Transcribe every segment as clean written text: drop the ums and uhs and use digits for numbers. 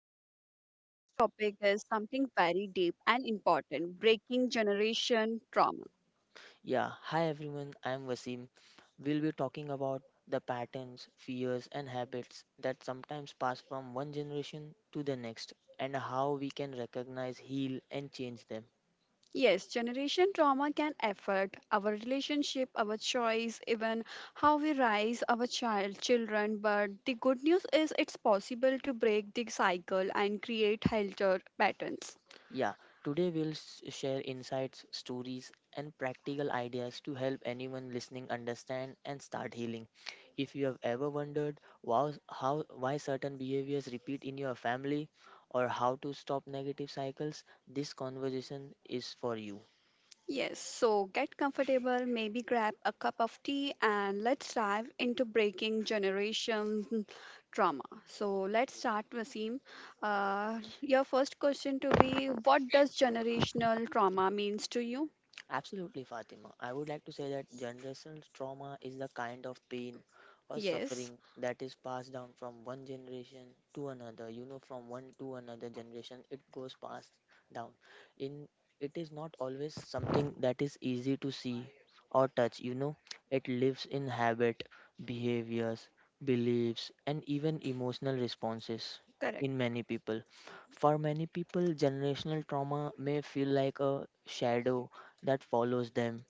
Fatima, and today's topic is something very deep and important breaking generation trauma. Yeah, hi everyone, I'm Wasim. We'll be talking about the patterns, fears, and habits that sometimes pass from one generation to the next, and how we can recognize, heal, and change them. Yes, generation trauma can affect our relationship, our choice, even how we raise our children. But the good news is it's possible to break the cycle and create healthier patterns. Yeah, today we'll share insights, stories, and practical ideas to help anyone listening understand and start healing. If you have ever wondered wow, how, why certain behaviors repeat in your family or how to stop negative cycles, this conversation is for you. Yes, so get comfortable, maybe grab a cup of tea, and let's dive into breaking generation trauma. So let's start, Wasim. Your first question to be, what does generational trauma means to you? Absolutely, Fatima. I would like to say that generational trauma is the kind of pain or Yes. suffering that is passed down from one generation to another, you know, from one to another generation. It goes passed down in. It is not always something that is easy to see or touch, you know. It lives in habit, behaviors, beliefs, and even emotional responses in Correct. many people. For many people, generational trauma may feel like a shadow that follows them,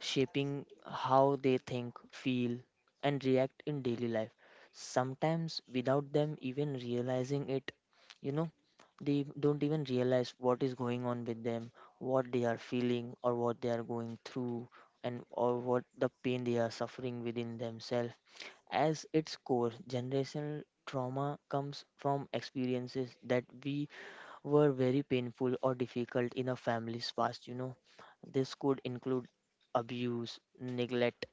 shaping how they think, feel, and react in daily life. Sometimes, without them even realizing it, you know, they don't even realize what is going on with them, what they are feeling, or what they are going through, and or what the pain they are suffering within themselves. As its core, generational trauma comes from experiences that we were very painful or difficult in a family's past, you know. This could include abuse, neglect,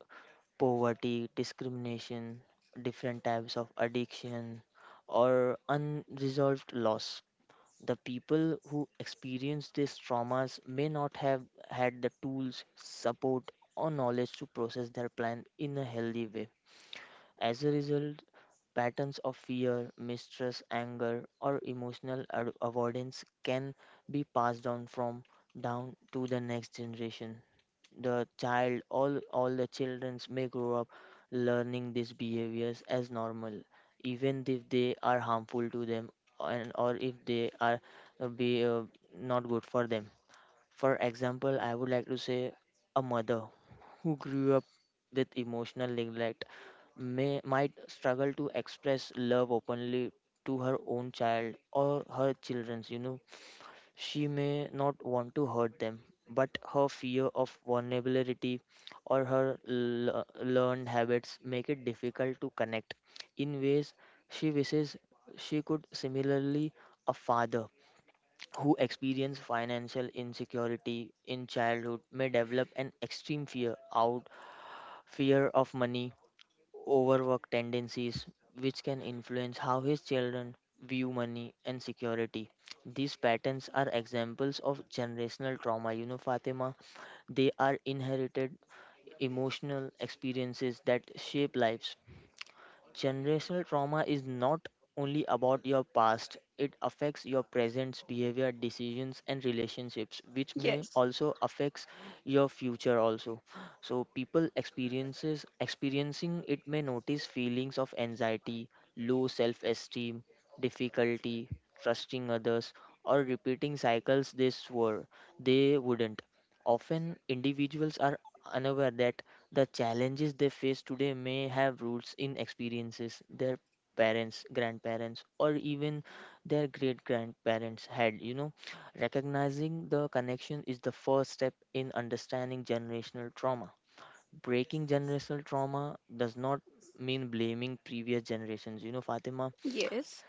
poverty, discrimination, different types of addiction, or unresolved loss. The people who experience these traumas may not have had the tools, support, or knowledge to process their plan in a healthy way. As a result, patterns of fear, mistrust, anger, or avoidance can be passed down from down to the next generation. All the children may grow up learning these behaviors as normal, even if they are harmful to them and or if they are be not good for them. For example, I would like to say a mother who grew up with emotional neglect may might struggle to express love openly to her own child or her children's, you know. She may not want to hurt them, but her fear of vulnerability or her learned habits make it difficult to connect in ways she wishes she could. Similarly, a father who experiences financial insecurity in childhood may develop an extreme fear of money, overwork tendencies, which can influence how his children view money and security. These patterns are examples of generational trauma, you know, Fatima. They are inherited emotional experiences that shape lives. Generational trauma is not only about your past, it affects your present behavior, decisions and relationships, which may Yes, also affects your future also. So people experiences experiencing it may notice feelings of anxiety, low self-esteem, difficulty trusting others, or repeating cycles they swore they wouldn't. Often individuals are unaware that the challenges they face today may have roots in experiences their parents, grandparents, or even their great grandparents had. You know, recognizing the connection is the first step in understanding generational trauma. Breaking generational trauma does not mean blaming previous generations. You know, Fatima, yes,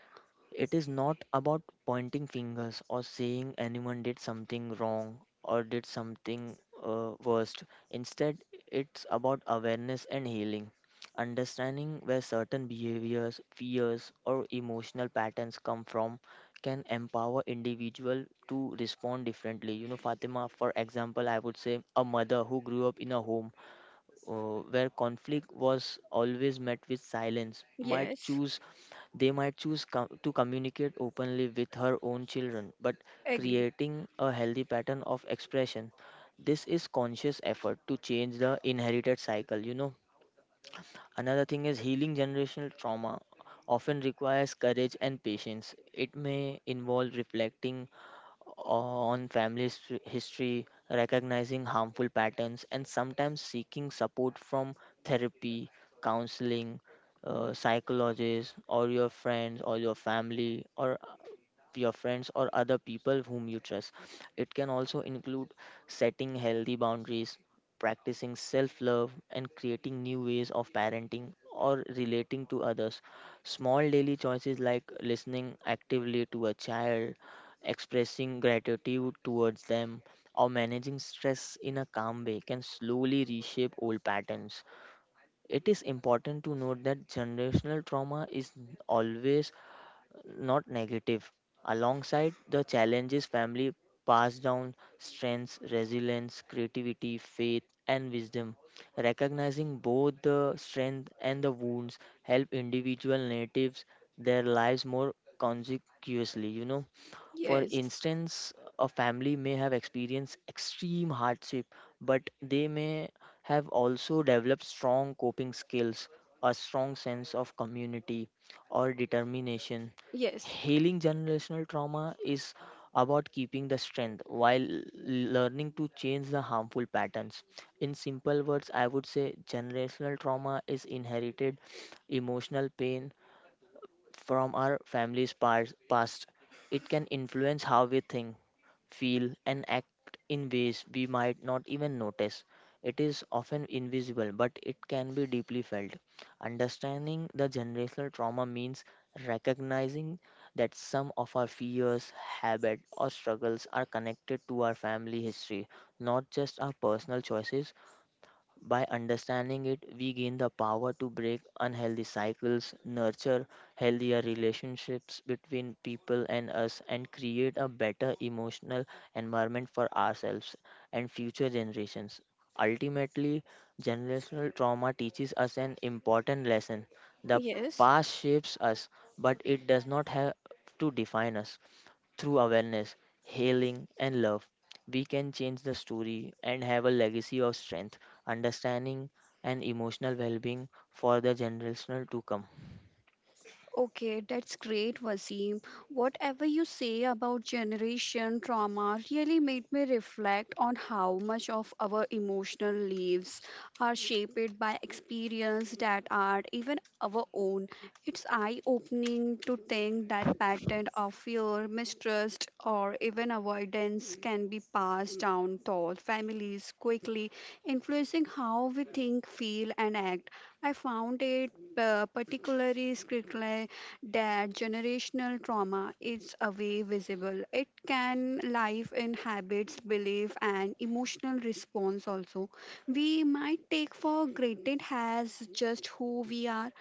it is not about pointing fingers or saying anyone did something wrong or did something worst. Instead, it's about awareness and healing. Understanding where certain behaviors, fears, or emotional patterns come from can empower individual to respond differently, you know, Fatima. For example, I would say a mother who grew up in a home where conflict was always met with silence might yes. choose, they might choose to communicate openly with her own children, but Agree. creating a healthy pattern of expression. This is conscious effort to change the inherited cycle, you know. Another thing is healing generational trauma often requires courage and patience. It may involve reflecting on family history, recognizing harmful patterns, and sometimes seeking support from therapy, counseling, psychologists, or your friends, or your family, or your friends or other people whom you trust. It can also include setting healthy boundaries, practicing self love, and creating new ways of parenting or relating to others. Small daily choices like listening actively to a child, expressing gratitude towards them, or managing stress in a calm way can slowly reshape old patterns. It is important to note that generational trauma is always not negative. Alongside the challenges, family pass down strengths, resilience, creativity, faith, and wisdom. Recognizing both the strength and the wounds help individual natives their lives more consecuously. You know, for Yes, instance, a family may have experienced extreme hardship, but they may have also developed strong coping skills, a strong sense of community, or determination. yes, Healing generational trauma is about keeping the strength while learning to change the harmful patterns. In simple words, I would say generational trauma is inherited emotional pain from our family's past. It can influence how we think, feel, and act in ways we might not even notice. It is often invisible, but it can be deeply felt. Understanding the generational trauma means recognizing that some of our fears, habits, or struggles are connected to our family history, not just our personal choices. By understanding it, we gain the power to break unhealthy cycles, nurture healthier relationships between people and us, and create a better emotional environment for ourselves and future generations. Ultimately, generational trauma teaches us an important lesson. The yes. past shapes us, but it does not have to define us. Through awareness, healing, and love, we can change the story and have a legacy of strength, understanding, and emotional well being for the generational to come. Okay, that's great, Wasim. Whatever you say about generation trauma really made me reflect on how much of our emotional lives are shaped by experience that are even our own. It's eye-opening to think that pattern of fear, mistrust, or even avoidance can be passed down through families quickly, influencing how we think, feel, and act. I found it particularly critical that generational trauma is a way visible. It can live in habits, belief, and emotional response also. We might take for granted as just who we are.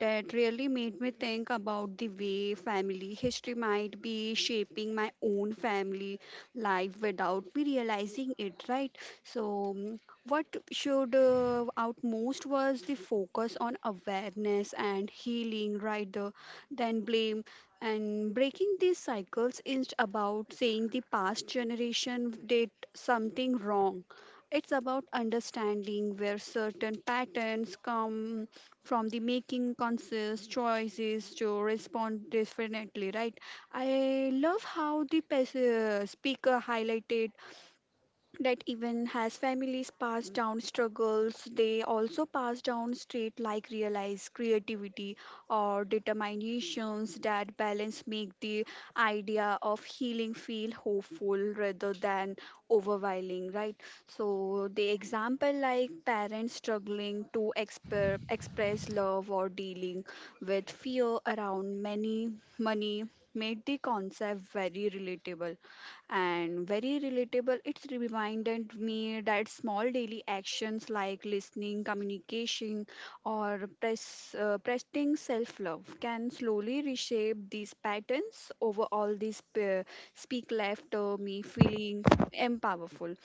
That really made me think about the way family history might be shaping my own family life without me realizing it, right? So, mm, what should out most was the focus on awareness and healing, right? The then blame. And breaking these cycles is about saying the past generation did something wrong. It's about understanding where certain patterns come from the making conscious choices to respond differently, right? I love how the speaker highlighted that even as families pass down struggles, they also pass down traits like realize creativity or determinations that balance make the idea of healing feel hopeful rather than overwhelming, right? So the example like parents struggling to express love or dealing with fear around many money made the concept very relatable and very relatable. It's reminded me that small daily actions like listening, communication, or pressing self love can slowly reshape these patterns. Overall, these speak left me feeling empowered.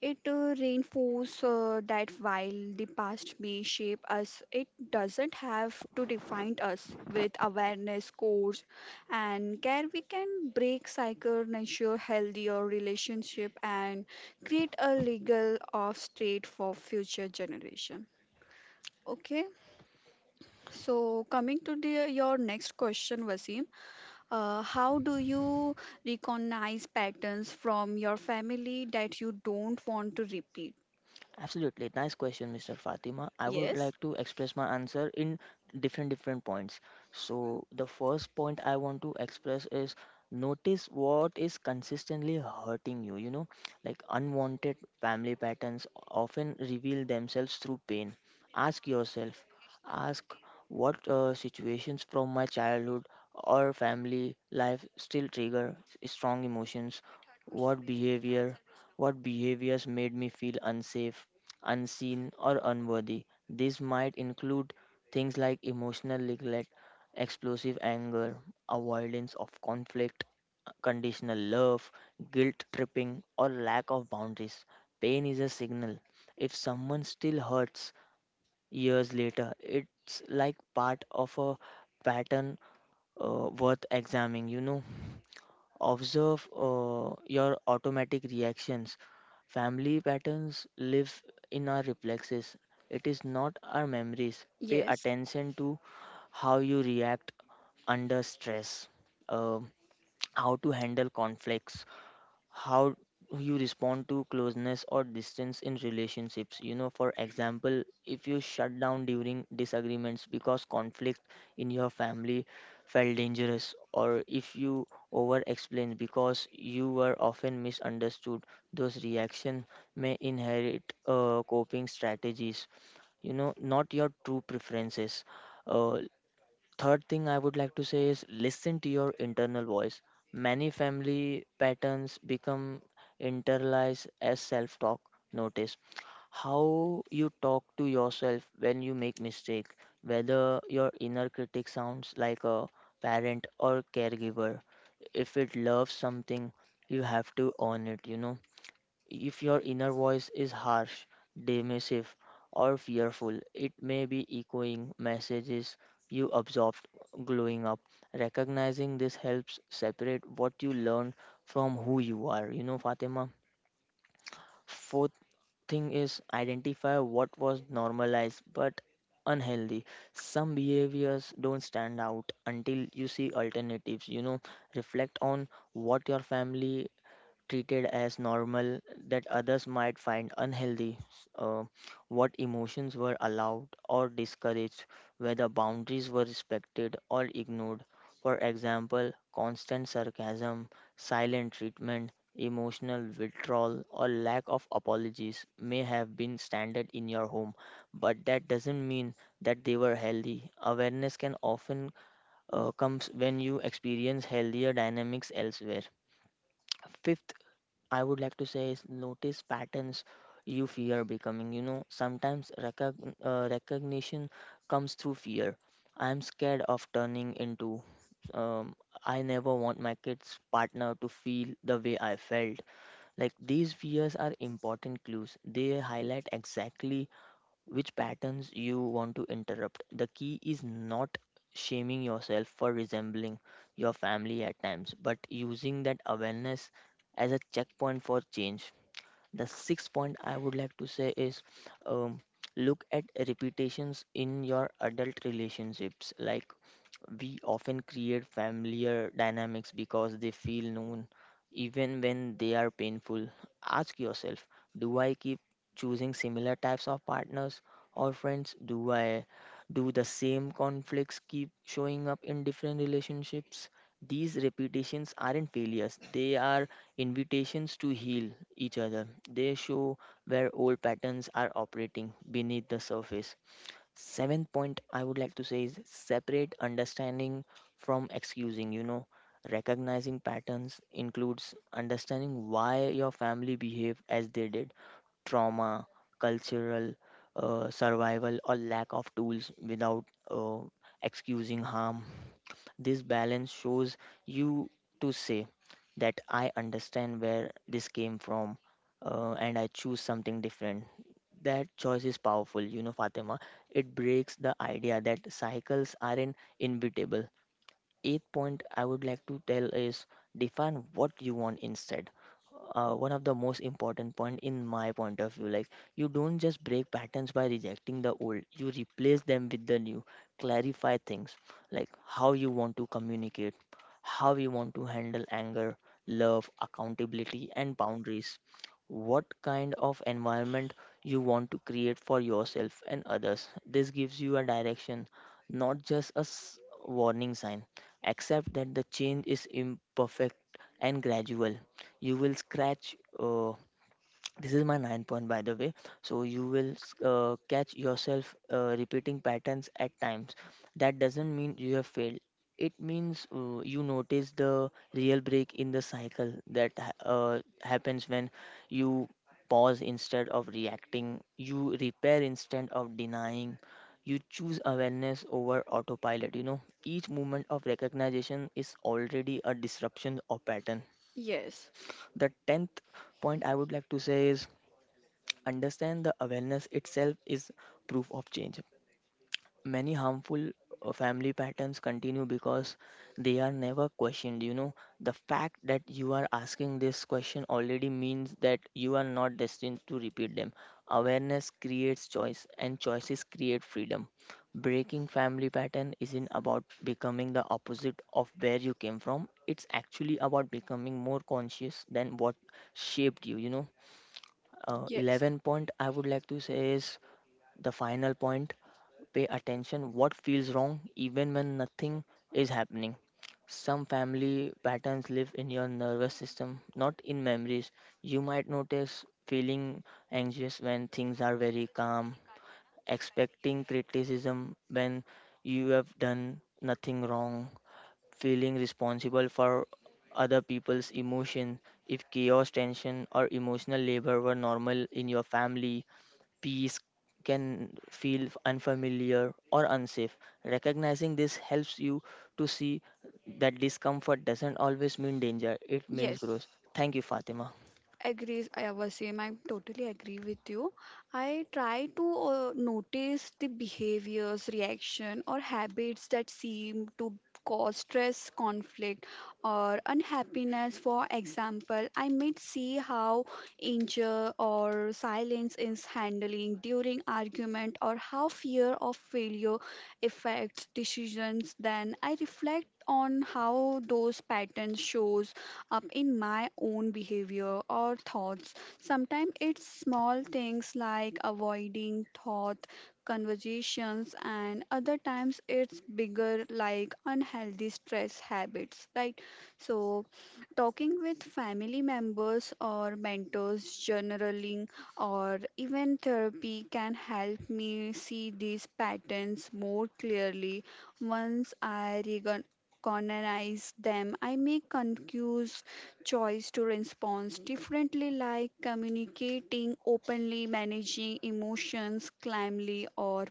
It reinforces that while the past may shape us, it doesn't have to define us. With awareness, course, and care, we can break cycle, nurture healthier relationship, and create a legal of state for future generation. Okay, so coming to the, your next question, Vaseem, how do you recognize patterns from your family that you don't want to repeat? Absolutely. Nice question, Mr. Fatima. I would Yes. like to express my answer in different different points. So the first point I want to express is notice what is consistently hurting you, you know, like unwanted family patterns often reveal themselves through pain. Ask yourself, ask what situations from my childhood or family life still trigger strong emotions? What behaviors made me feel unsafe, unseen, or unworthy? This might include things like emotional neglect, explosive anger, avoidance of conflict, conditional love, guilt tripping, or lack of boundaries. Pain is a signal. If someone still hurts years later, it's like part of a pattern worth examining, you know. Observe your automatic reactions. Family patterns live in our reflexes, it is not our memories. Pay Yes. attention to how you react under stress, uh, how to handle conflicts, how you respond to closeness or distance in relationships, you know. For example, if you shut down during disagreements because conflict in your family felt dangerous, or if you over explain because you were often misunderstood, those reactions may inherit coping strategies, you know, not your true preferences. uh, Third thing I would like to say is listen to your internal voice. Many family patterns become internalized as self talk. Notice how you talk to yourself when you make mistake, whether your inner critic sounds like a parent or caregiver. If it loves something, you have to own it, you know. If your inner voice is harsh, dismissive, or fearful, it may be echoing messages you absorbed growing up. Recognizing this helps separate what you learned from who you are. You know, Fatima. Fourth thing is identify what was normalized but unhealthy. Some behaviors don't stand out until you see alternatives. You know, reflect on what your family treated as normal that others might find unhealthy, what emotions were allowed or discouraged, whether boundaries were respected or ignored. For example, constant sarcasm, silent treatment, emotional withdrawal, or lack of apologies may have been standard in your home, but that doesn't mean that they were healthy. Awareness can often comes when you experience healthier dynamics elsewhere. Fifth I would like to say is notice patterns you fear becoming. You know, sometimes recognition comes through fear. I'm scared of turning into. Um, I never want my kids' partner to feel the way I felt. Like these fears are important clues. They highlight exactly which patterns you want to interrupt. The key is not shaming yourself for resembling your family at times, but using that awareness as a checkpoint for change. The sixth point I would like to say is um, look at repetitions in your adult relationships. Like we often create familiar dynamics because they feel known, even when they are painful. Ask yourself, do I keep choosing similar types of partners or friends? Do the same conflicts keep showing up in different relationships? These repetitions aren't failures, they are invitations to heal each other. They show where old patterns are operating beneath the surface. Seventh point I would like to say is separate understanding from excusing. You know, recognizing patterns includes understanding why your family behaved as they did. Trauma, cultural, survival, or lack of tools without excusing harm. This balance shows you to say that I understand where this came from and I choose something different. That choice is powerful, you know, Fatima. It breaks the idea that cycles are in inevitable. Eighth point I would like to tell is define what you want instead, one of the most important point in my point of view, like you don't just break patterns by rejecting the old, you replace them with the new. Clarify things like how you want to communicate, how you want to handle anger, love, accountability and boundaries, what kind of environment you want to create for yourself and others. This gives you a direction, not just a warning sign. Accept that the change is imperfect and gradual. You will scratch, this is my 9 point by the way, so you will catch yourself repeating patterns at times. That doesn't mean you have failed. It means you notice the real break in the cycle that happens when you pause instead of reacting, you repair instead of denying, you choose awareness over autopilot, you know. Each moment of recognition is already a disruption or pattern. Yes. The 10th point I would like to say is understand the awareness itself is proof of change. Many harmful family patterns continue because they are never questioned, you know. The fact that you are asking this question already means that you are not destined to repeat them. Awareness creates choice and choices create freedom. Breaking family pattern isn't about becoming the opposite of where you came from, it's actually about becoming more conscious than what shaped you, you know. Yes. 11 point I would like to say is the final point. Pay attention what feels wrong even when nothing is happening. Some family patterns live in your nervous system, not in memories. You might notice feeling anxious when things are very calm, expecting criticism when you have done nothing wrong, feeling responsible for other people's emotion. If chaos, tension or emotional labor were normal in your family, peace can feel unfamiliar or unsafe. Recognizing this helps you to see that discomfort doesn't always mean danger, it means Yes. growth. Thank you, Fatima. Agrees, I was same. I totally agree with you. I try to notice the behaviors, reaction, or habits that seem to cause stress, conflict, or unhappiness. For example, I might see how Injure or silence is handling during argument or how fear of failure affects decisions then I reflect on how those patterns shows up in my own behavior or thoughts sometimes it's small things like avoiding thought conversations and other times it's bigger like unhealthy stress habits, right? So talking with family members or mentors, journaling, or even therapy can help me see these patterns more clearly. Once I recognize them, I make conscious choice to respond differently, like communicating openly, managing emotions calmly, or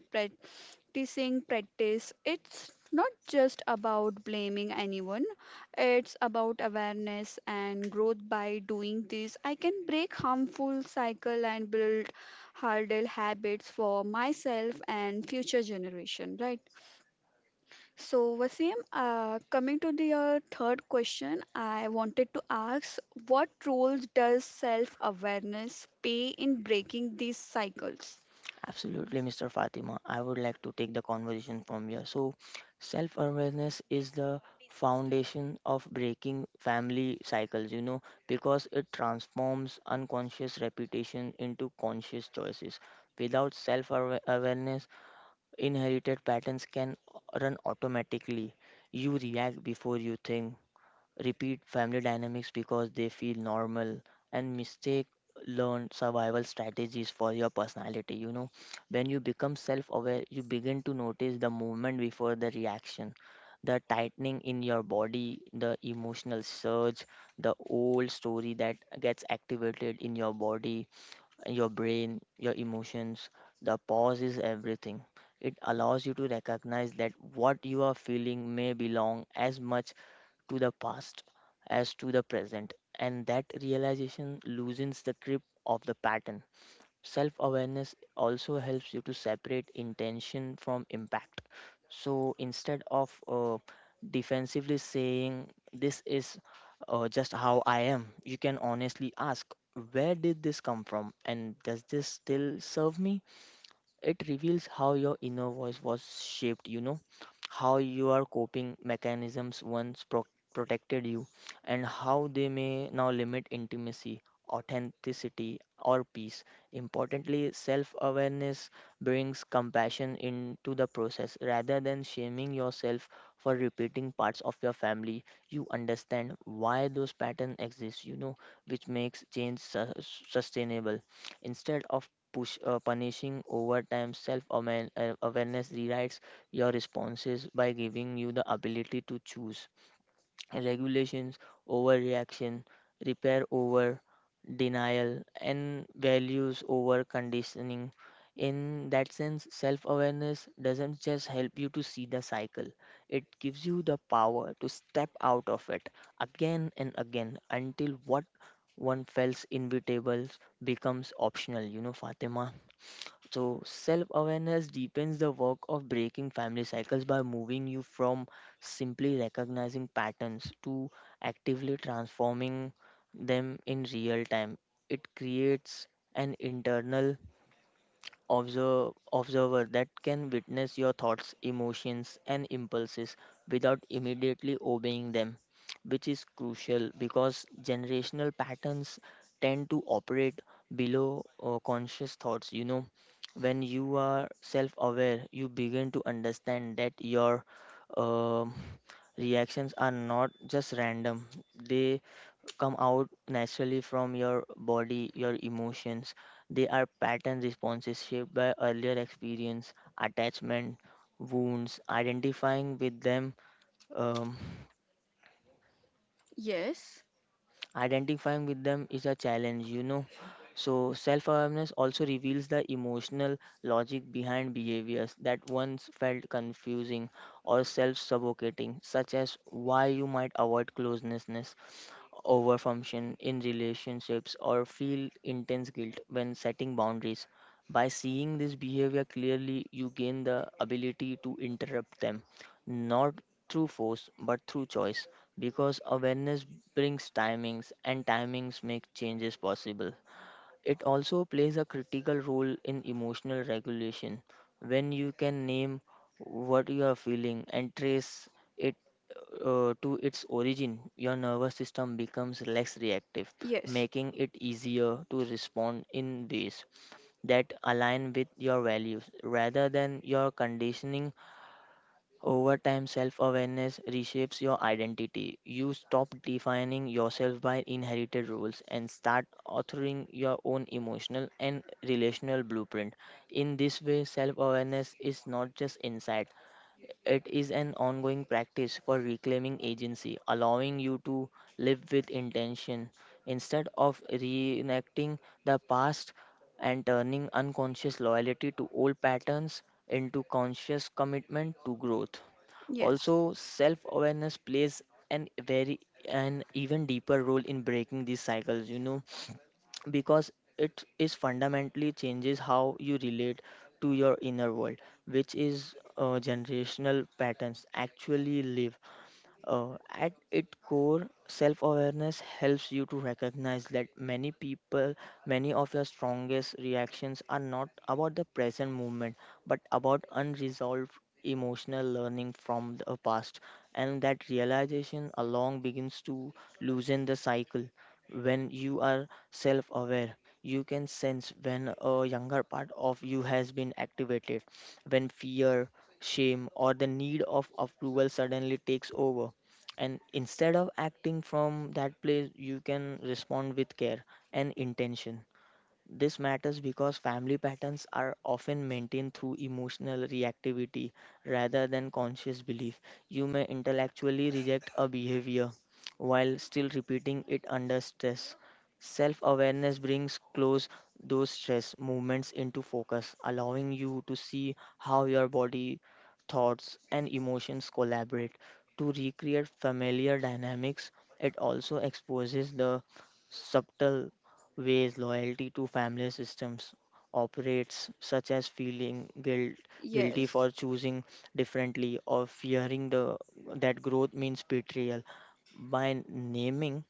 practicing practice it's not just about blaming anyone, it's about awareness and growth by doing this I can break harmful cycle and build harder habits for myself and future generation, right? So Wasim, coming to the third question I wanted to ask what roles does self awareness play in breaking these cycles? Absolutely, Mr. Fatima. I would like to take the conversation from here. So, self awareness is the foundation of breaking family cycles, you know, because it transforms unconscious repetition into conscious choices. Without self awareness, inherited patterns can run automatically. You react before you think, repeat family dynamics because they feel normal, and mistake learned survival strategies for your personality. You know, when you become self aware, you begin to notice the movement before the reaction, the tightening in your body, the emotional surge, the old story that gets activated in your body, your brain, your emotions. The pause is everything. It allows you to recognize that what you are feeling may belong as much to the past as to the present, and that realization loosens the grip of the pattern. Self awareness also helps you to separate intention from impact. So instead of defensively saying, "This is just how I am," you can honestly ask, "Where did this come from? And does this still serve me?" It reveals how your inner voice was shaped, you know, how your coping mechanisms once protected you, and how they may now limit intimacy, authenticity, or peace. Importantly, self awareness brings compassion into the process rather than shaming yourself for repeating parts of your family. You understand why those patterns exist, you know, which makes change sustainable instead of punishing over time. Self awareness rewrites your responses by giving you the ability to choose regulations over reaction, repair over denial, and values over conditioning. In that sense, self awareness doesn't just help you to see the cycle, it gives you the power to step out of it again and again until what one feels inevitable becomes optional, you know, Fatima. So, self awareness deepens the work of breaking family cycles by moving you from simply recognizing patterns to actively transforming them in real time. It creates an internal observer that can witness your thoughts, emotions, and impulses without immediately obeying them, which is crucial because generational patterns tend to operate below conscious thoughts. You know, when you are self aware, you begin to understand that your um reactions are not just random, they come out naturally from your body, your emotions. They are pattern responses shaped by earlier experience, attachment, wounds. Identifying with them, um, Yes. identifying with them is a challenge, you know. So self-awareness also reveals the emotional logic behind behaviors that once felt confusing or self-suffocating, such as why you might avoid closeness, overfunction in relationships, or feel intense guilt when setting boundaries. By seeing this behavior clearly, you gain the ability to interrupt them, not through force but through choice, because awareness brings timings, and timings make changes possible. It also plays a critical role in emotional regulation. When you can name what you are feeling and trace it to its origin, your nervous system becomes less reactive, Yes. making it easier to respond in ways that align with your values rather than your conditioning. Over time, self awareness reshapes your identity. You stop defining yourself by inherited rules and start authoring your own emotional and relational blueprint. In this way, self awareness is not just insight, it is an ongoing practice for reclaiming agency, allowing you to live with intention instead of reenacting the past and turning unconscious loyalty to old patterns into conscious commitment to growth. Yes. Also, self awareness plays an very an even deeper role in breaking these cycles, you know, because it is fundamentally changes how you relate to your inner world, which is generational patterns actually live. At its core, self awareness helps you to recognize that many of your strongest reactions are not about the present moment but about unresolved emotional learning from the past. And that realization along begins to loosen the cycle. When you are self aware, you can sense when a younger part of you has been activated, when fear, shame, or the need of approval suddenly takes over, and instead of acting from that place you can respond with care and intention. This matters because family patterns are often maintained through emotional reactivity rather than conscious belief. You may intellectually reject a behavior while still repeating it under stress. Self awareness brings close those stress movements into focus, allowing you to see how your body, thoughts, and emotions collaborate to recreate familiar dynamics. It also exposes the subtle ways loyalty to family systems operates, such as feeling guilty Yes. for choosing differently or fearing the that growth means betrayal. By naming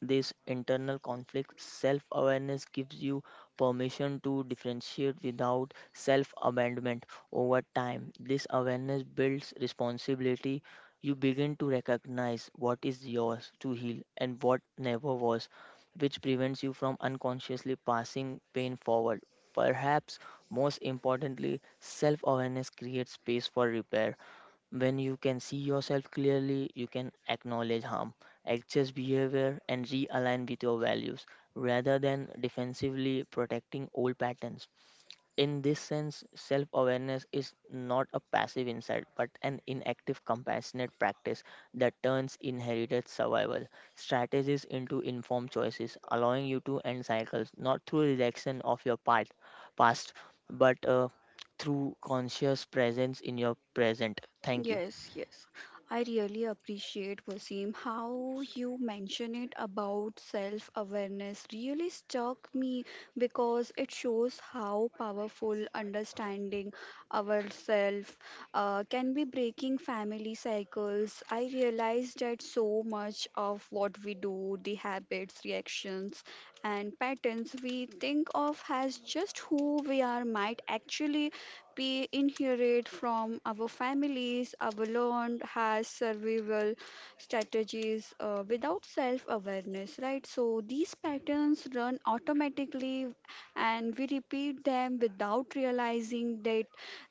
this internal conflict, self awareness gives you permission to differentiate without self abandonment. Over time, this awareness builds responsibility. You begin to recognize what is yours to heal and what never was, which prevents you from unconsciously passing pain forward. Perhaps most importantly, self awareness creates space for repair. When you can see yourself clearly, you can acknowledge harm, adjust behavior, and realign with your values rather than defensively protecting old patterns. In this sense, self awareness is not a passive insight but an inactive, compassionate practice that turns inherited survival strategies into informed choices, allowing you to end cycles not through rejection of your part, past, but through conscious presence in your present. Thank you. Yes, yes. I really appreciate Wasim how you mention it about self-awareness really struck me because it shows how powerful understanding ourselves can be breaking family cycles. I realized that so much of what we do, the habits, reactions, and patterns we think of as just who we are might actually be inherited from our families, our learned has survival strategies without self awareness, right? So these patterns run automatically and we repeat them without realizing that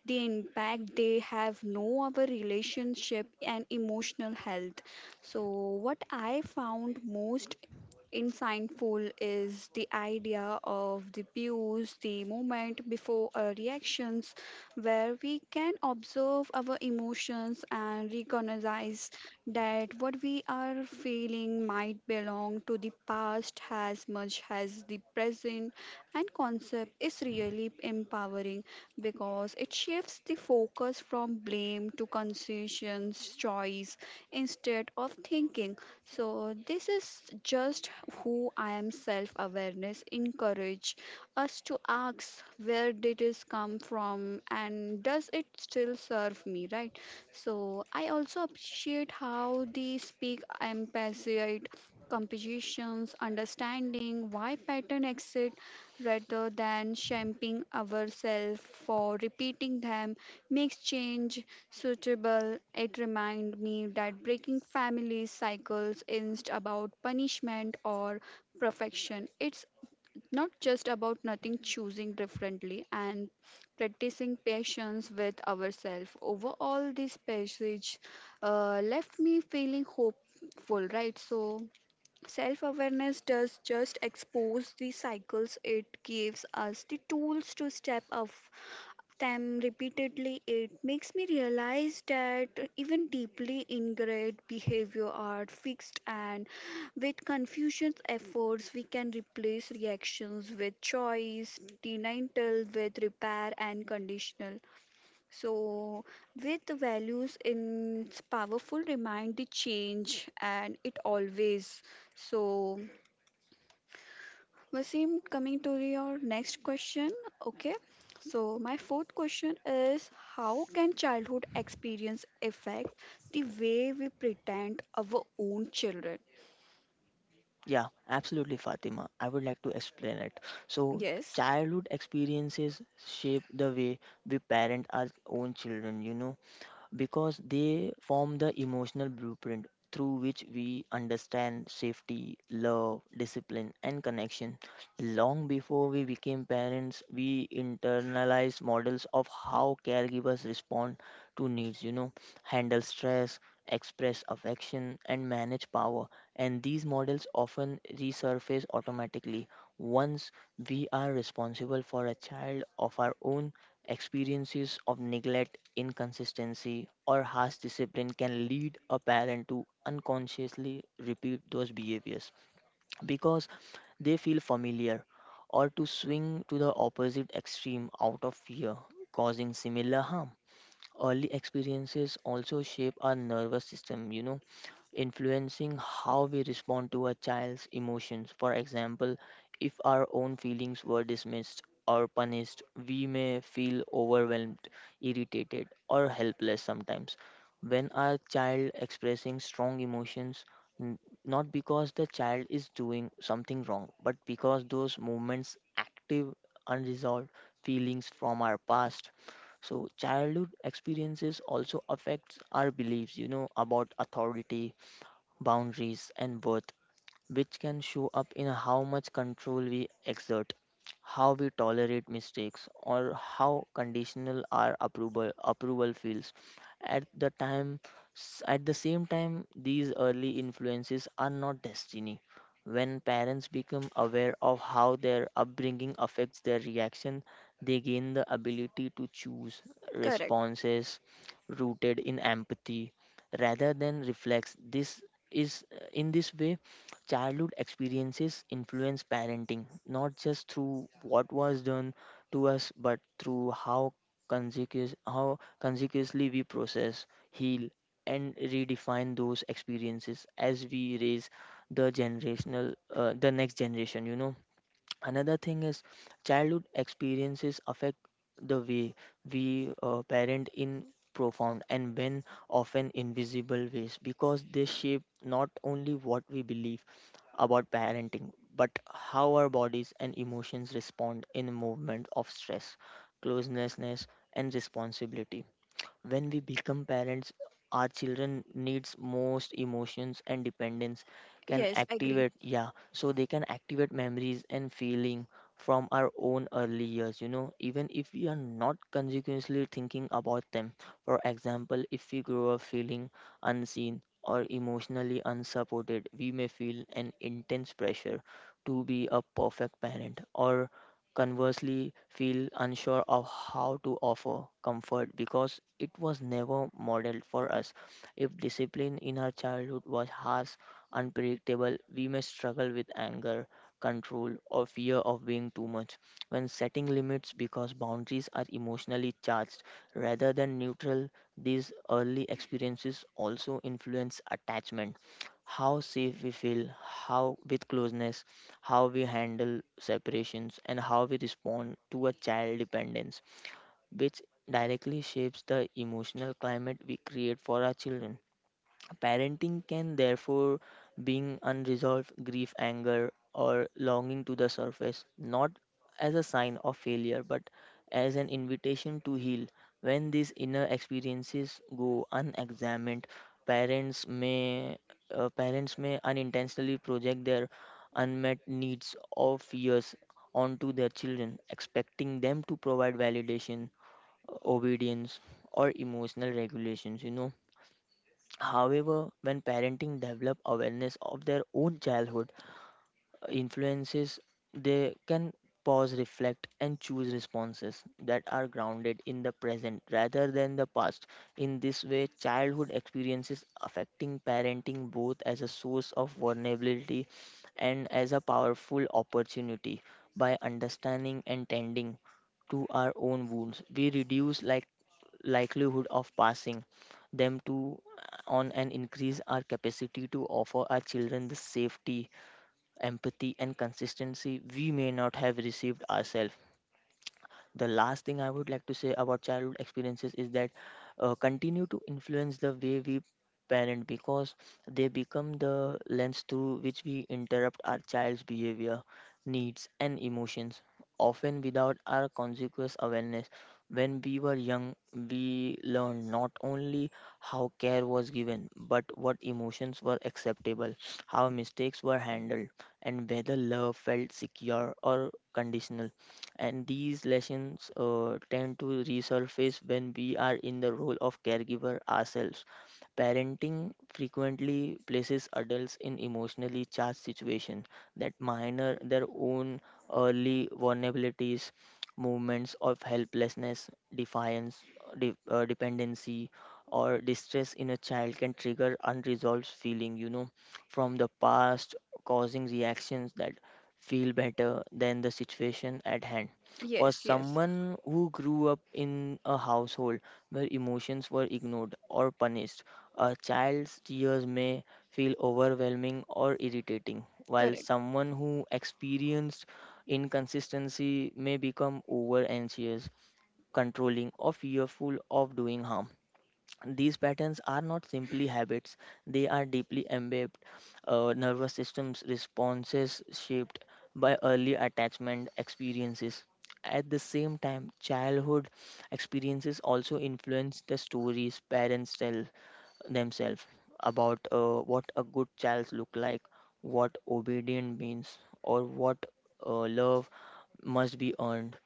the impact they have no our relationship and emotional health, so what I found most insightful is the idea of the pause, the moment before our reactions, where we can observe our emotions and recognize that what we are feeling might belong to the past as much as the present. And concept is really empowering because it shifts the focus from blame to conscious choice instead of thinking so this is just who I am self awareness encourage us to ask where did this come from and does it still serve me, right? So I also appreciate how they speak empathy competitions understanding why pattern exist rather than shaming ourselves for repeating them makes change suitable. It reminded me that breaking family cycles isn't about punishment or perfection. It's not just about nothing choosing differently and practicing patience with ourselves. Overall, this passage left me feeling hopeful, right? So, self awareness does just expose the cycles, it gives us the tools to step up them repeatedly, it makes me realize that even deeply ingrained behavior are fixed, and with Confucian's efforts, we can replace reactions with choice, denial with repair, and conditional. So, with the values, in it's powerful remind the change, and it always so. Wasim, coming to your next question. Okay, so my fourth question is how can childhood experience affect the way we pretend our own children? Yeah, absolutely, Fatima. I would like to explain it. So, Yes, childhood experiences shape the way we parent our own children, you know, because they form the emotional blueprint through which we understand safety, love, discipline, and connection. Long before we became parents, we internalize models of how caregivers respond to needs, you know, handle stress, express affection, and manage power. And these models often resurface automatically once we are responsible for a child of our own. Experiences of neglect, inconsistency, or harsh discipline can lead a parent to unconsciously repeat those behaviors because they feel familiar, or to swing to the opposite extreme out of fear, causing similar harm. Early experiences also shape our nervous system, you know, influencing how we respond to a child's emotions. For example, if our own feelings were dismissed or punished, we may feel overwhelmed, irritated, or helpless sometimes when our child expressing strong emotions, n- not because the child is doing something wrong, but because those movements active unresolved feelings from our past. So childhood experiences also affects our beliefs, you know, about authority, boundaries and worth, which can show up in how much control we exert, how we tolerate mistakes, or how conditional our approval feels. At the time, at the same time, these early influences are not destiny. When parents become aware of how their upbringing affects their reaction, they gain the ability to choose correct. responses rooted in empathy rather than reflex. This is in this way childhood experiences influence parenting, not just through what was done to us, but through how consequently we process, heal, and redefine those experiences as we raise the next generation. Another thing is childhood experiences affect the way we parent in profound and when often invisible ways, because they shape not only what we believe about parenting, but how our bodies and emotions respond in the movement of stress, closeness, and responsibility. When we become parents, our children needs most emotions and dependence can Yes, I agree. activate, yeah, so they can activate memories and feeling from our own early years, even if we are not consequently thinking about them. For example, if we grow up feeling unseen or emotionally unsupported, we may feel an intense pressure to be a perfect parent, or conversely feel unsure of how to offer comfort because it was never modeled for us. If discipline in our childhood was harsh, unpredictable, we may struggle with anger, control, or fear of being too much when setting limits, because boundaries are emotionally charged rather than neutral. These early experiences also influence attachment: how safe we feel how with closeness, how we handle separations, and how we respond to a child dependence, which directly shapes the emotional climate we create for our children. Parenting can therefore bring unresolved grief, anger, or longing to the surface, not as a sign of failure, but as an invitation to heal. When these inner experiences go unexamined, parents may parents may unintentionally project their unmet needs or fears onto their children, expecting them to provide validation, obedience, or emotional regulations. However, when parenting develop awareness of their own childhood influences, they can pause, reflect, and choose responses that are grounded in the present rather than the past. In this way, childhood experiences affecting parenting both as a source of vulnerability and as a powerful opportunity. By understanding and tending to our own wounds, we reduce likelihood of passing them to on and increase our capacity to offer our children the safety, empathy, and consistency we may not have received ourselves. The last thing I would like to say about childhood experiences is that continue to influence the way we parent, because they become the lens through which we interrupt our child's behavior, needs, and emotions, often without our conscious awareness. When we were young, we learned not only how care was given, but what emotions were acceptable, how mistakes were handled, and whether love felt secure or conditional, and these lessons tend to resurface when we are in the role of caregiver ourselves. Parenting frequently places adults in emotionally charged situations that minor their own early vulnerabilities. Movements of helplessness, defiance, dependency, or distress in a child can trigger unresolved feeling, from the past, causing reactions that feel better than the situation at hand. For Yes, yes, someone who grew up in a household where emotions were ignored or punished, a child's tears may feel overwhelming or irritating, while correct. someone who experienced inconsistency may become over anxious, controlling, or fearful of doing harm. These patterns are not simply habits, they are deeply embedded nervous systems responses shaped by early attachment experiences. At the same time, childhood experiences also influence the stories parents tell themselves about what a good child look like, what obedient means, or what love must be earned,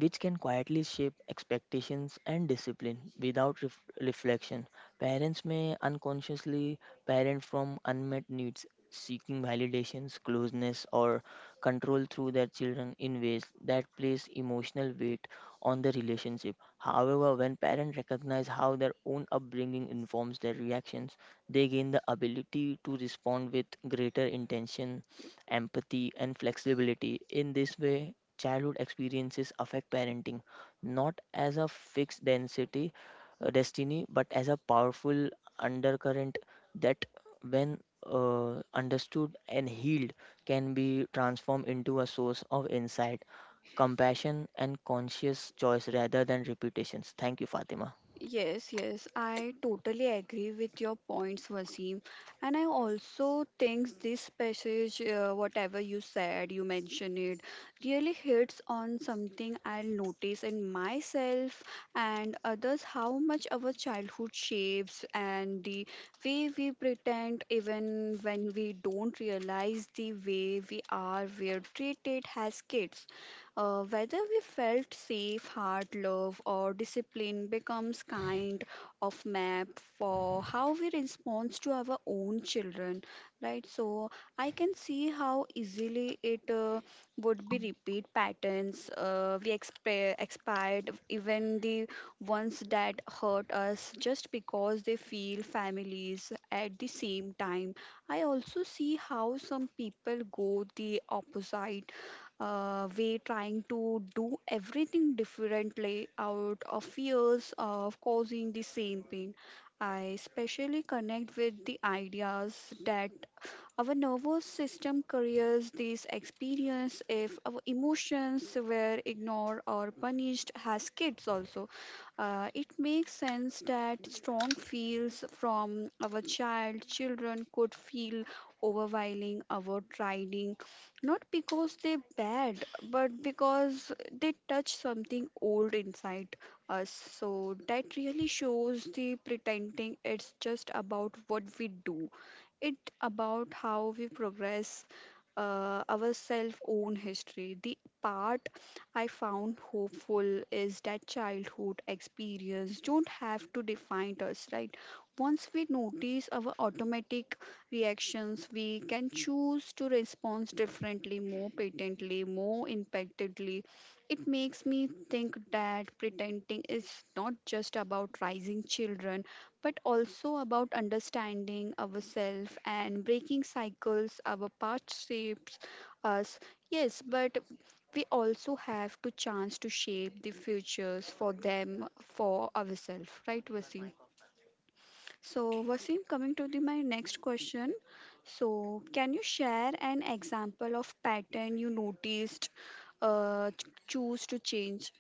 which can quietly shape expectations and discipline without reflection. Parents may unconsciously parent from unmet needs, seeking validations, closeness, or control through their children in ways that place emotional weight on the relationship. However, when parents recognize how their own upbringing informs their reactions, they gain the ability to respond with greater intention, empathy, and flexibility. In this way, childhood experiences affect parenting, not as a fixed density destiny, but as a powerful undercurrent that, when understood and healed, can be transformed into a source of insight, compassion, and conscious choice rather than repetitions. Thank you, Fatima. Yes, yes, I totally agree with your points, Wasim. And I also think this passage, whatever you said, you mentioned it, really hits on something I'll notice in myself and others how much our childhood shapes and the way we pretend, even when we don't realize the way we are, we're treated as kids. Whether we felt safe, heart, love, or discipline becomes kind of map for how we respond to our own children, right? So I can see how easily it would be repeat patterns we expired, even the ones that hurt us, just because they feel families at the same time. I also see how some people go the opposite we trying to do everything differently out of fears of causing the same pain. I especially connect with the ideas that our nervous system carries these experience if our emotions were ignored or punished as kids also. It makes sense that strong feels from our children could feel overwhelming our trading not because they're bad but because they touch something old inside us so that really shows the pretending it's just about what we do it about how we progress our self own history. The part I found hopeful is that childhood experience don't have to define us, right? Once we notice our automatic reactions, we can choose to respond differently, more patently, more impactedly. It makes me think that pretending is not just about raising children, but also about understanding ourselves and breaking cycles our past shapes us, yes, but we also have to chance to shape the futures for them for ourselves, right Vasim? So Vasim coming to the my next question so can you share an example of pattern you noticed choose to change?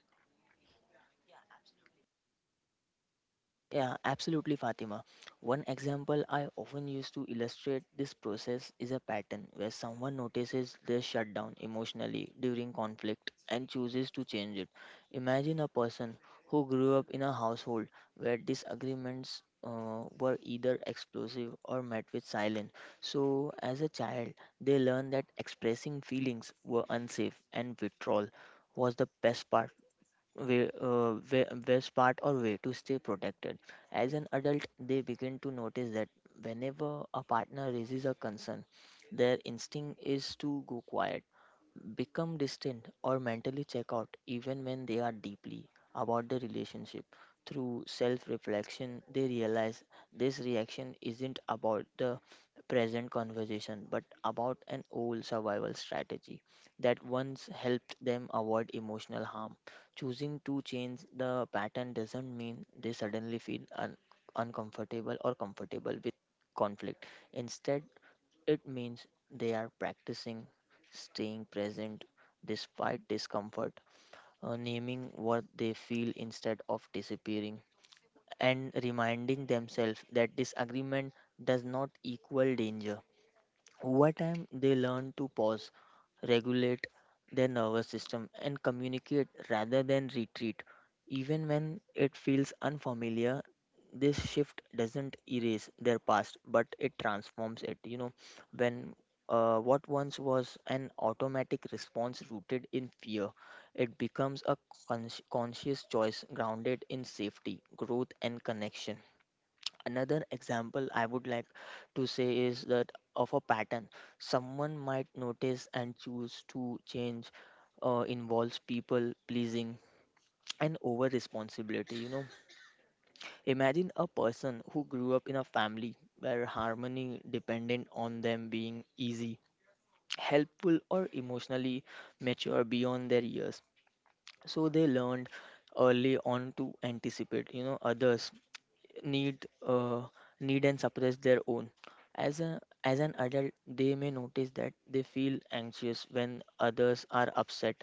Yeah, absolutely, Fatima. One example I often use to illustrate this process is a pattern where someone notices they shut down emotionally during conflict and chooses to change it. Imagine a person who grew up in a household where disagreements were either explosive or met with silence. So, as a child, they learned that expressing feelings were unsafe and withdrawal was the best part way, way, best part or way to stay protected. As an adult, they begin to notice that whenever a partner raises a concern, their instinct is to go quiet, become distant, or mentally check out, even when they are deeply about the relationship. Through self reflection, they realize this reaction isn't about the present conversation, but about an old survival strategy that once helped them avoid emotional harm. Choosing to change the pattern doesn't mean they suddenly feel uncomfortable or comfortable with conflict. Instead, it means they are practicing staying present despite discomfort, naming what they feel instead of disappearing, and reminding themselves that disagreement does not equal danger. Over time, they learn to pause, regulate their nervous system, and communicate rather than retreat. Even when it feels unfamiliar, this shift doesn't erase their past, but it transforms it. You know, when what once was an automatic response rooted in fear, it becomes a cons- conscious choice grounded in safety, growth, and connection. Another example I would like to say is that of a pattern someone might notice and choose to change involves people pleasing and over responsibility. Imagine a person who grew up in a family where harmony depended on them being easy, helpful, or emotionally mature beyond their years. So they learned early on to anticipate, others need uh, need and suppress their own. As a as an adult, they may notice that they feel anxious when others are upset,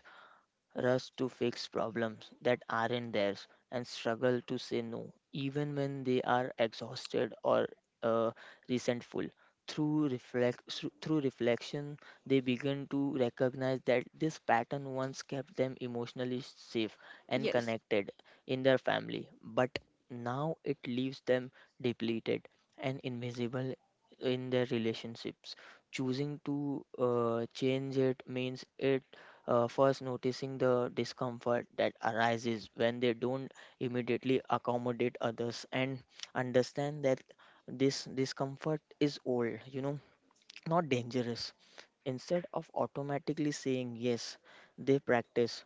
rush to fix problems that aren't theirs, and struggle to say no, even when they are exhausted or uh, resentful. Through reflection, they begin to recognize that this pattern once kept them emotionally safe and Yes. connected in their family, but now it leaves them depleted and invisible in their relationships. Choosing to change it means it first noticing the discomfort that arises when they don't immediately accommodate others, and understand that this discomfort is old, not dangerous. Instead of automatically saying yes, they practice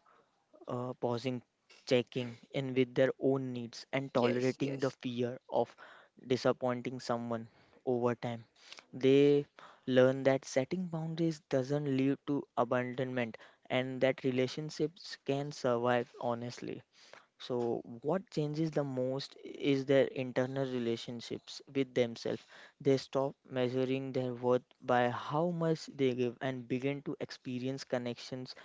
pausing, checking in with their own needs, and Yes. tolerating the Yes. fear of disappointing someone. Over time, they learn that setting boundaries doesn't lead to abandonment and that relationships can survive honestly. So, what changes the most is their internal relationships with themselves. They stop measuring their worth by how much they give and begin to experience connections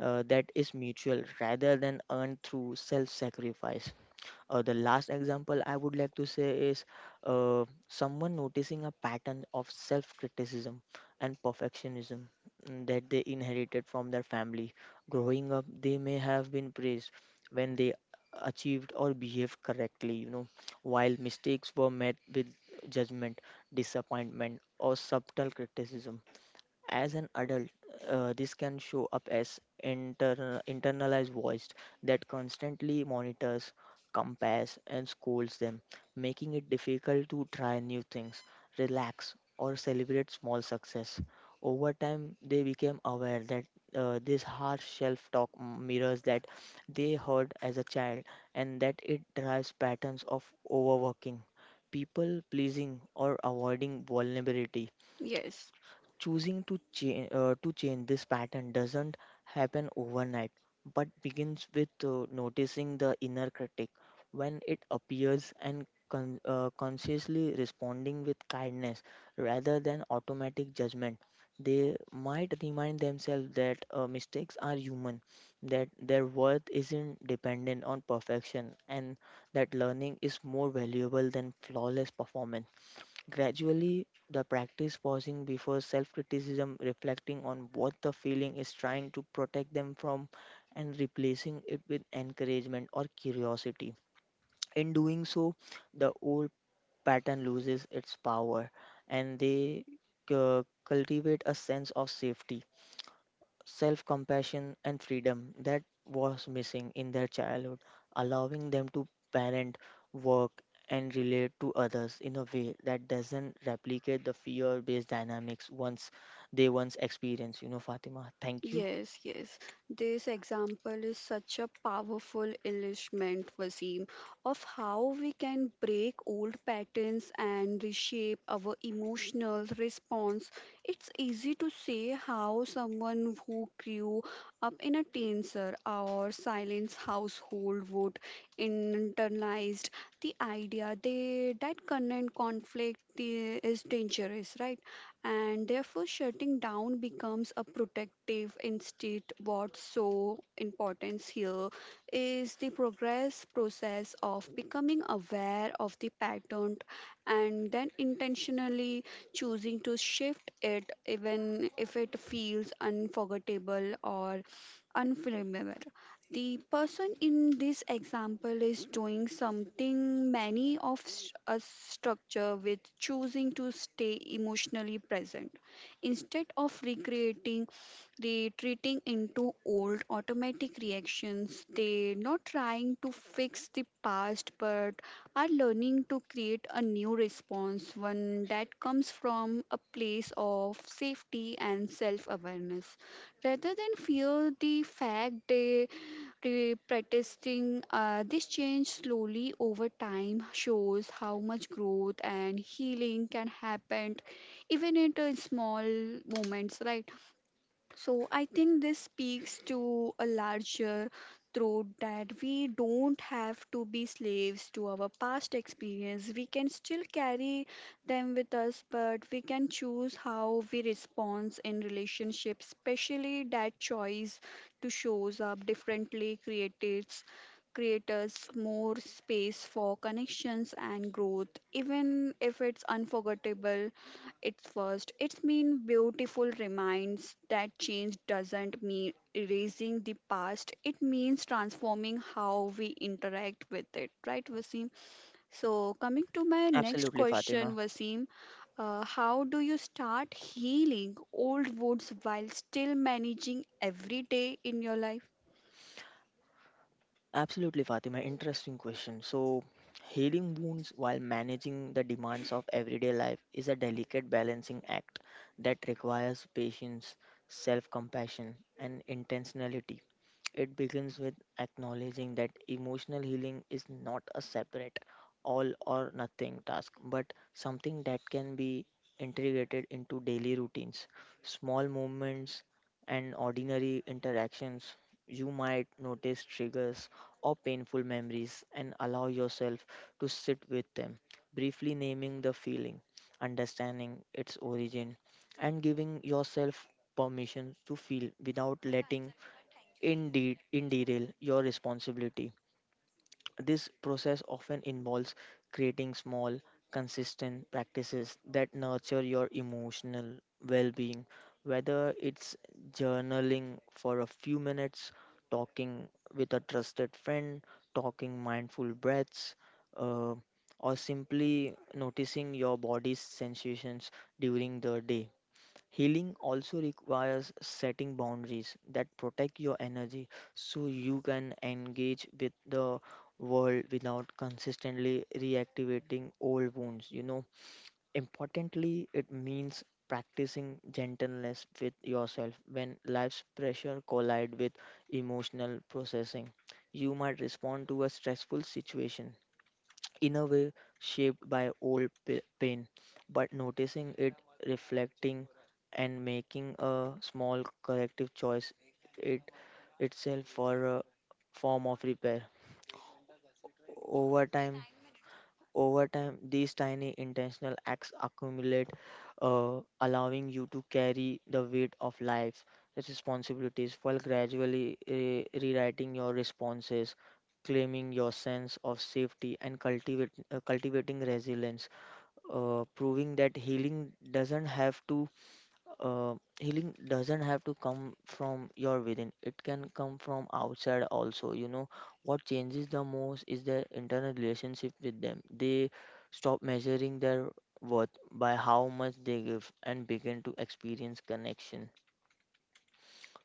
that is mutual rather than earned through self sacrifice. The last example I would like to say is someone noticing a pattern of self criticism and perfectionism, that they inherited from their family. Growing up, they may have been praised when they achieved or behaved correctly, while mistakes were met with judgment, disappointment, or subtle criticism. As an adult, this can show up as internalized voice that constantly monitors, compares, and scolds them, making it difficult to try new things, relax, or celebrate small success. Over time, they became aware that this harsh self talk mirrors that they heard as a child, and that it drives patterns of overworking, people pleasing, or avoiding vulnerability. Yes. Choosing to change this pattern doesn't happen overnight, but begins with noticing the inner critic when it appears and consciously responding with kindness rather than automatic judgment. They might remind themselves that mistakes are human, that their worth isn't dependent on perfection, and that learning is more valuable than flawless performance. Gradually, the practice pausing before self criticism, reflecting on what the feeling is trying to protect them from, and replacing it with encouragement or curiosity. In doing so, the old pattern loses its power and they cultivate a sense of safety, self compassion, and freedom that was missing in their childhood, allowing them to parent, work, and relate to others in a way that doesn't replicate the fear based dynamics once they once experience. Thank you. Yes, yes. This example is such a powerful illustrament, Wasim, of how we can break old patterns and reshape our emotional response. It's easy to say how someone who grew up in a tenser or silence household would internalize the idea that current conflict is dangerous, right? And therefore shutting down becomes a protective instinct. What's so important here is the progress process of becoming aware of the pattern and then intentionally choosing to shift it even if it feels unforgettable or unflammable. The person in this example is doing something many of us structure with choosing to stay emotionally present. Instead of recreating, retreating into old automatic reactions, they not trying to fix the past but are learning to create a new response, one that comes from a place of safety and self awareness rather than fear the fact they Re- protesting this change slowly over time shows how much growth and healing can happen even at small moments, right? So I think this speaks to a larger throat that we don't have to be slaves to our past experience. We can still carry them with us, but we can choose how we respond in relationships, especially that choice to shows up differently creates creators more space for connections and growth, even if it's unforgettable it's first, it's mean beautiful reminds that change doesn't mean erasing the past. It means transforming how we interact with it, right, Wasim? So coming to my next Absolutely, question, Fatima. Wasim, how do you start healing old wounds while still managing every day in your life? Absolutely, Fatima. Interesting question. So, healing wounds while managing the demands of everyday life is a delicate balancing act that requires patience, self compassion, and intentionality. It begins with acknowledging that emotional healing is not a separate all or nothing task, but something that can be integrated into daily routines, small movements, and ordinary interactions. You might notice triggers or painful memories and allow yourself to sit with them, briefly naming the feeling, understanding its origin, and giving yourself permission to feel without letting Dale, your responsibility. This process often involves creating small, consistent practices that nurture your emotional well being, whether it's journaling for a few minutes, talking with a trusted friend, talking mindful breaths, uh, or simply noticing your body's sensations during the day. Healing also requires setting boundaries that protect your energy so you can engage with the world without consistently reactivating old wounds. Importantly, it means practicing gentleness with yourself when life's pressure collide with emotional processing. You might respond to a stressful situation in a way shaped by pain, but noticing it, reflecting, and making a small corrective choice it itself for a form of repair. Over time, over time, these tiny intentional acts accumulate, allowing you to carry the weight of life's responsibilities while gradually rewriting your responses, claiming your sense of safety, and cultivating resilience, proving that healing doesn't have to healing doesn't have to come from your within. It can come from outside also. You know what changes the most is their internal relationship with them. They stop measuring their worth by how much they give and begin to experience connection,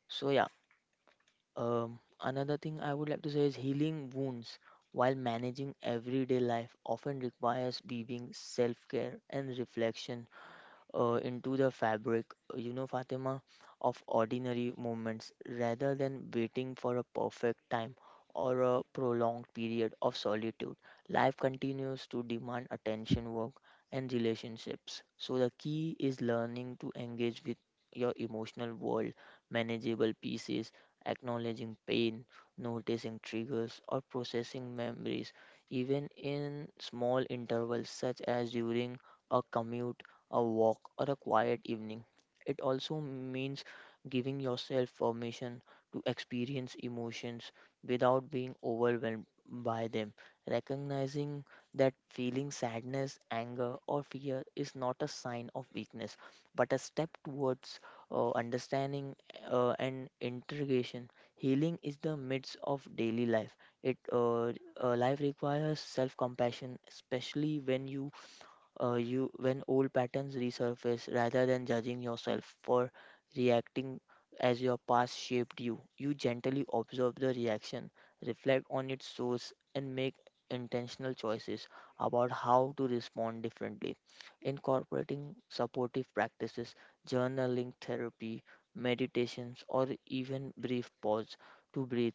so yeah. Another thing I would like to say is healing wounds while managing everyday life often requires being self-care and reflection, into the fabric, you know, Fatima, of ordinary moments rather than waiting for a perfect time or a prolonged period of solitude. Life continues to demand attention, work, and relationships. So, the key is learning to engage with your emotional world, manageable pieces, acknowledging pain, noticing triggers, or processing memories, even in small intervals such as during a commute, a walk, or a quiet evening. It also means giving yourself permission to experience emotions without being overwhelmed by them. Recognizing that feeling sadness, anger, or fear is not a sign of weakness, but a step towards understanding and integration. Healing is the midst of daily life. It life requires self-compassion, especially when you you when old patterns resurface. Rather than judging yourself for reacting as your past shaped you, you gently observe the reaction, reflect on its source, and make intentional choices about how to respond differently, incorporating supportive practices, journaling, therapy, meditations, or even brief pause to breathe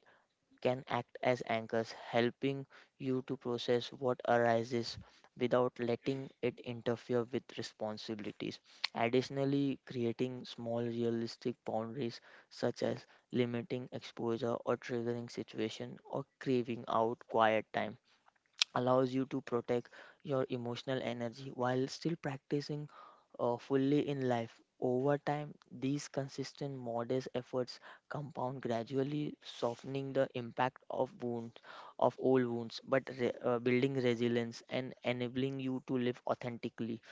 can act as anchors, helping you to process what arises without letting it interfere with responsibilities. Additionally, creating small realistic boundaries such as limiting exposure or triggering situation or craving out quiet time allows you to protect your emotional energy while still practicing fully in life. Over time, these consistent, modest efforts compound, gradually softening the impact of wounds, of old wounds, but building resilience and enabling you to live authentically.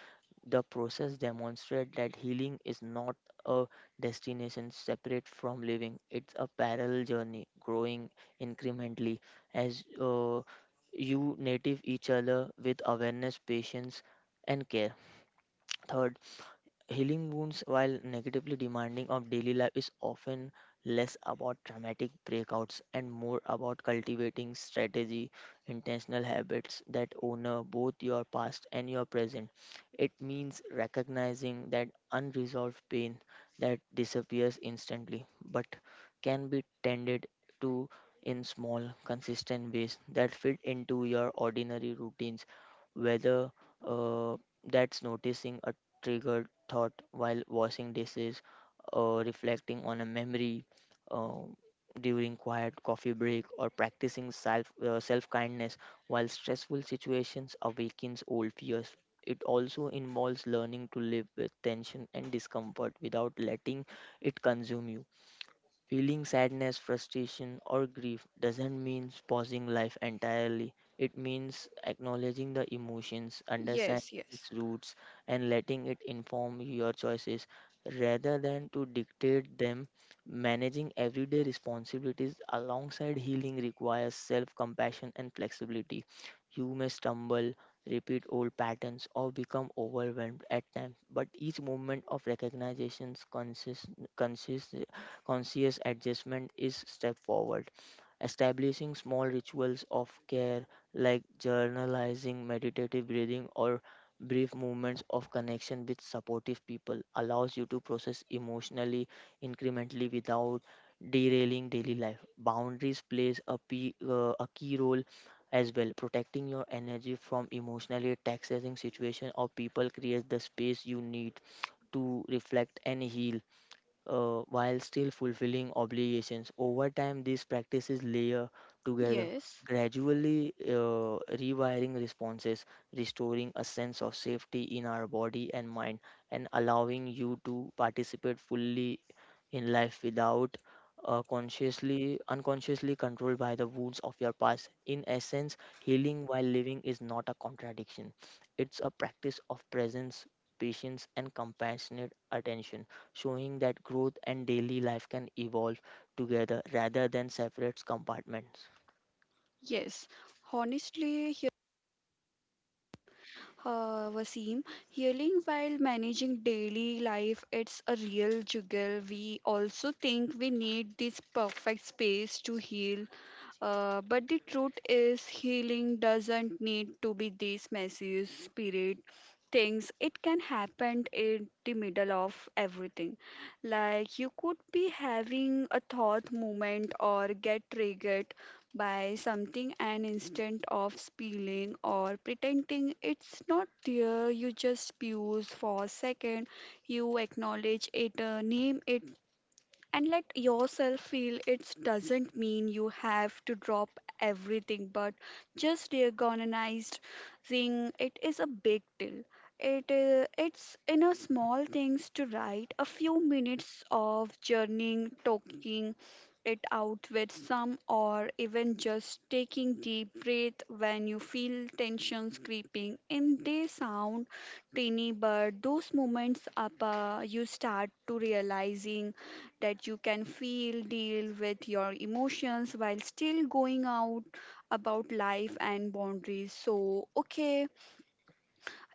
The process demonstrates that healing is not a destination separate from living. It's a parallel journey, growing incrementally as you native each other with awareness, patience, and care. Third, healing wounds, while negatively demanding of daily life, is often less about dramatic breakouts and more about cultivating strategy, intentional habits that honor both your past and your present. It means recognizing that unresolved pain that disappears instantly but can be tended to in small, consistent ways that fit into your ordinary routines, whether uh, that's noticing a trigger thought while washing dishes or reflecting on a memory uh, during quiet coffee break or practicing self kindness while stressful situations awakens old fears. It also involves learning to live with tension and discomfort without letting it consume you. Feeling sadness, frustration, or grief doesn't mean pausing life entirely. It means acknowledging the emotions, understanding Yes, yes, its roots, and letting it inform your choices rather than to dictate them. Managing everyday responsibilities alongside healing requires self compassion and flexibility. You may stumble, repeat old patterns, or become overwhelmed at times, but each moment of recognition consists, conscious adjustment is step forward, establishing small rituals of care like journalizing, meditative breathing, or brief moments of connection with supportive people allows you to process emotionally incrementally without derailing daily life. Boundaries plays a key role as well. Protecting your energy from emotionally taxing situations or people creates the space you need to reflect and heal, while still fulfilling obligations. Over time, these practices layer together, yes. gradually rewiring responses, restoring a sense of safety in our body and mind, and allowing you to participate fully in life without consciously unconsciously controlled by the wounds of your past. In essence, healing while living is not a contradiction. It's a practice of presence, patience, and compassionate attention, showing that growth and daily life can evolve together rather than separate compartments. Yes, honestly, Wasim. Healing while managing daily life, it's a real juggle. We also think we need this perfect space to heal. But the truth is, healing doesn't need to be this messy spirit things it can happen in the middle of everything like you could be having a thought moment or get triggered by something and instead of spilling or pretending it's not there you just pause for a second you acknowledge it name it and let yourself feel it doesn't mean you have to drop everything but just recognizing it is a big deal it's in a small things to write a few minutes of journeying talking it out with some or even just taking deep breath when you feel tensions creeping in they sound tiny but those moments up you start to realizing that you can deal with your emotions while still going out about life and boundaries. So, okay,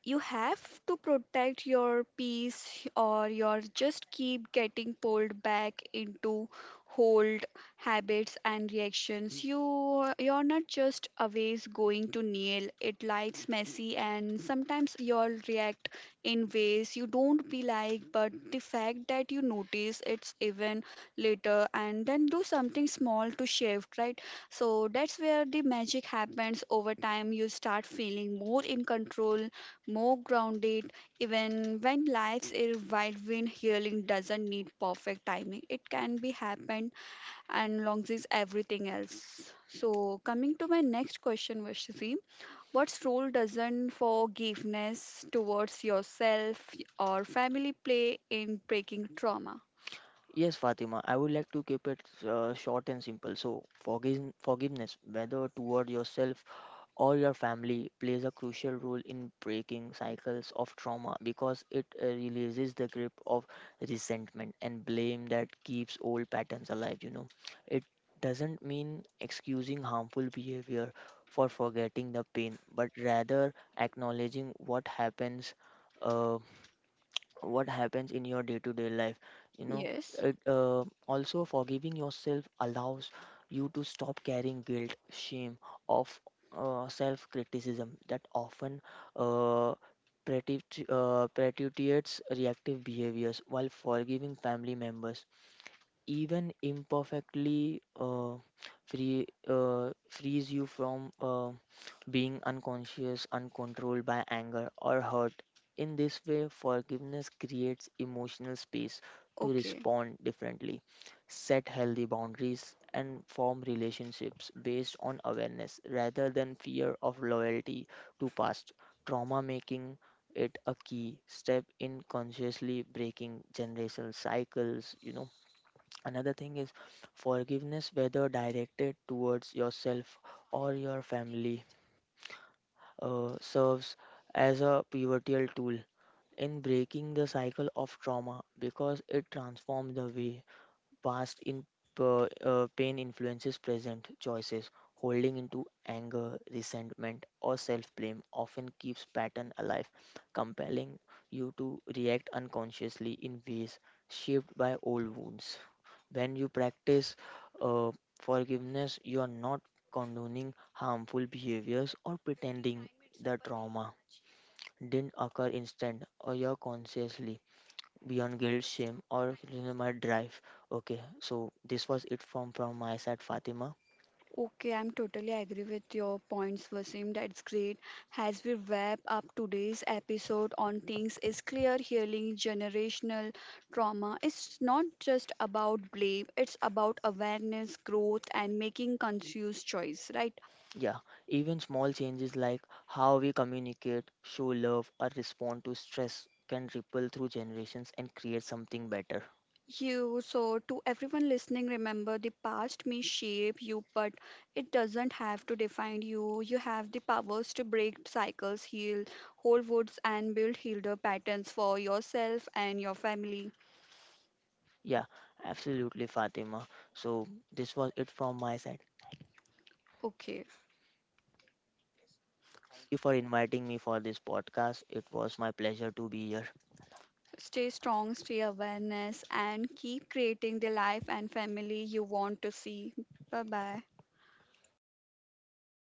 you have to protect your peace or you're just keep getting pulled back into old habits and reactions you're not just always going to nail it life's messy and sometimes you'll react in ways you don't be like but the fact that you notice it's even later and then do something small to shift, right? So that's where the magic happens over time you start feeling more in control more grounded even when life's a whirlwind healing doesn't need perfect timing it can be happened and longs is everything else so coming to my next question Vashti, what's role doesn't forgiveness towards yourself or family play in breaking trauma? Yes, Fatima, I would like to keep it short and simple. So, forgiveness, whether toward yourself or your family plays a crucial role in breaking cycles of trauma because it releases the grip of resentment and blame that keeps old patterns alive, you know. It doesn't mean excusing harmful behavior for forgetting the pain, but rather acknowledging what happens, uh, what happens in your day to day life, you know. Yes. It Also, forgiving yourself allows you to stop carrying guilt, shame, of self criticism that often uh, perpetuates reactive behaviors, while forgiving family members even imperfectly frees you from being unconscious uncontrolled by anger or hurt. In this way, forgiveness creates emotional space to Okay. respond differently, set healthy boundaries, and form relationships based on awareness rather than fear of loyalty to past trauma, making it a key step in consciously breaking generational cycles, you know. Another thing is, forgiveness, whether directed towards yourself or your family, serves as a pivotal tool in breaking the cycle of trauma because it transforms the way past in pain influences present choices. Holding into anger, resentment, or self blame often keeps pattern alive, compelling you to react unconsciously in ways shaped by old wounds. When you practice uh, forgiveness, you are not condoning harmful behaviors or pretending the trauma didn't occur instant or you're consciously beyond guilt, shame, or my drive. Okay, so this was it from my side, Fatima. Okay, I'm totally agree with your points, Vasim. That's great. As we wrap up today's episode on things is clear healing generational trauma. It's not just about blame, it's about awareness, growth, and making conscious choice, right? Yeah, even small changes like how we communicate, show love, or respond to stress can ripple through generations and create something better. You, so to everyone listening, remember the past may shape you, but it doesn't have to define you. You have the powers to break cycles, heal whole woods, and build healer patterns for yourself and your family. Yeah, absolutely, Fatima. So this was it from my side. Thank Okay, you for inviting me for this podcast. It was my pleasure to be here. stay strong, stay awareness, and keep creating the life and family you want to see. Bye bye.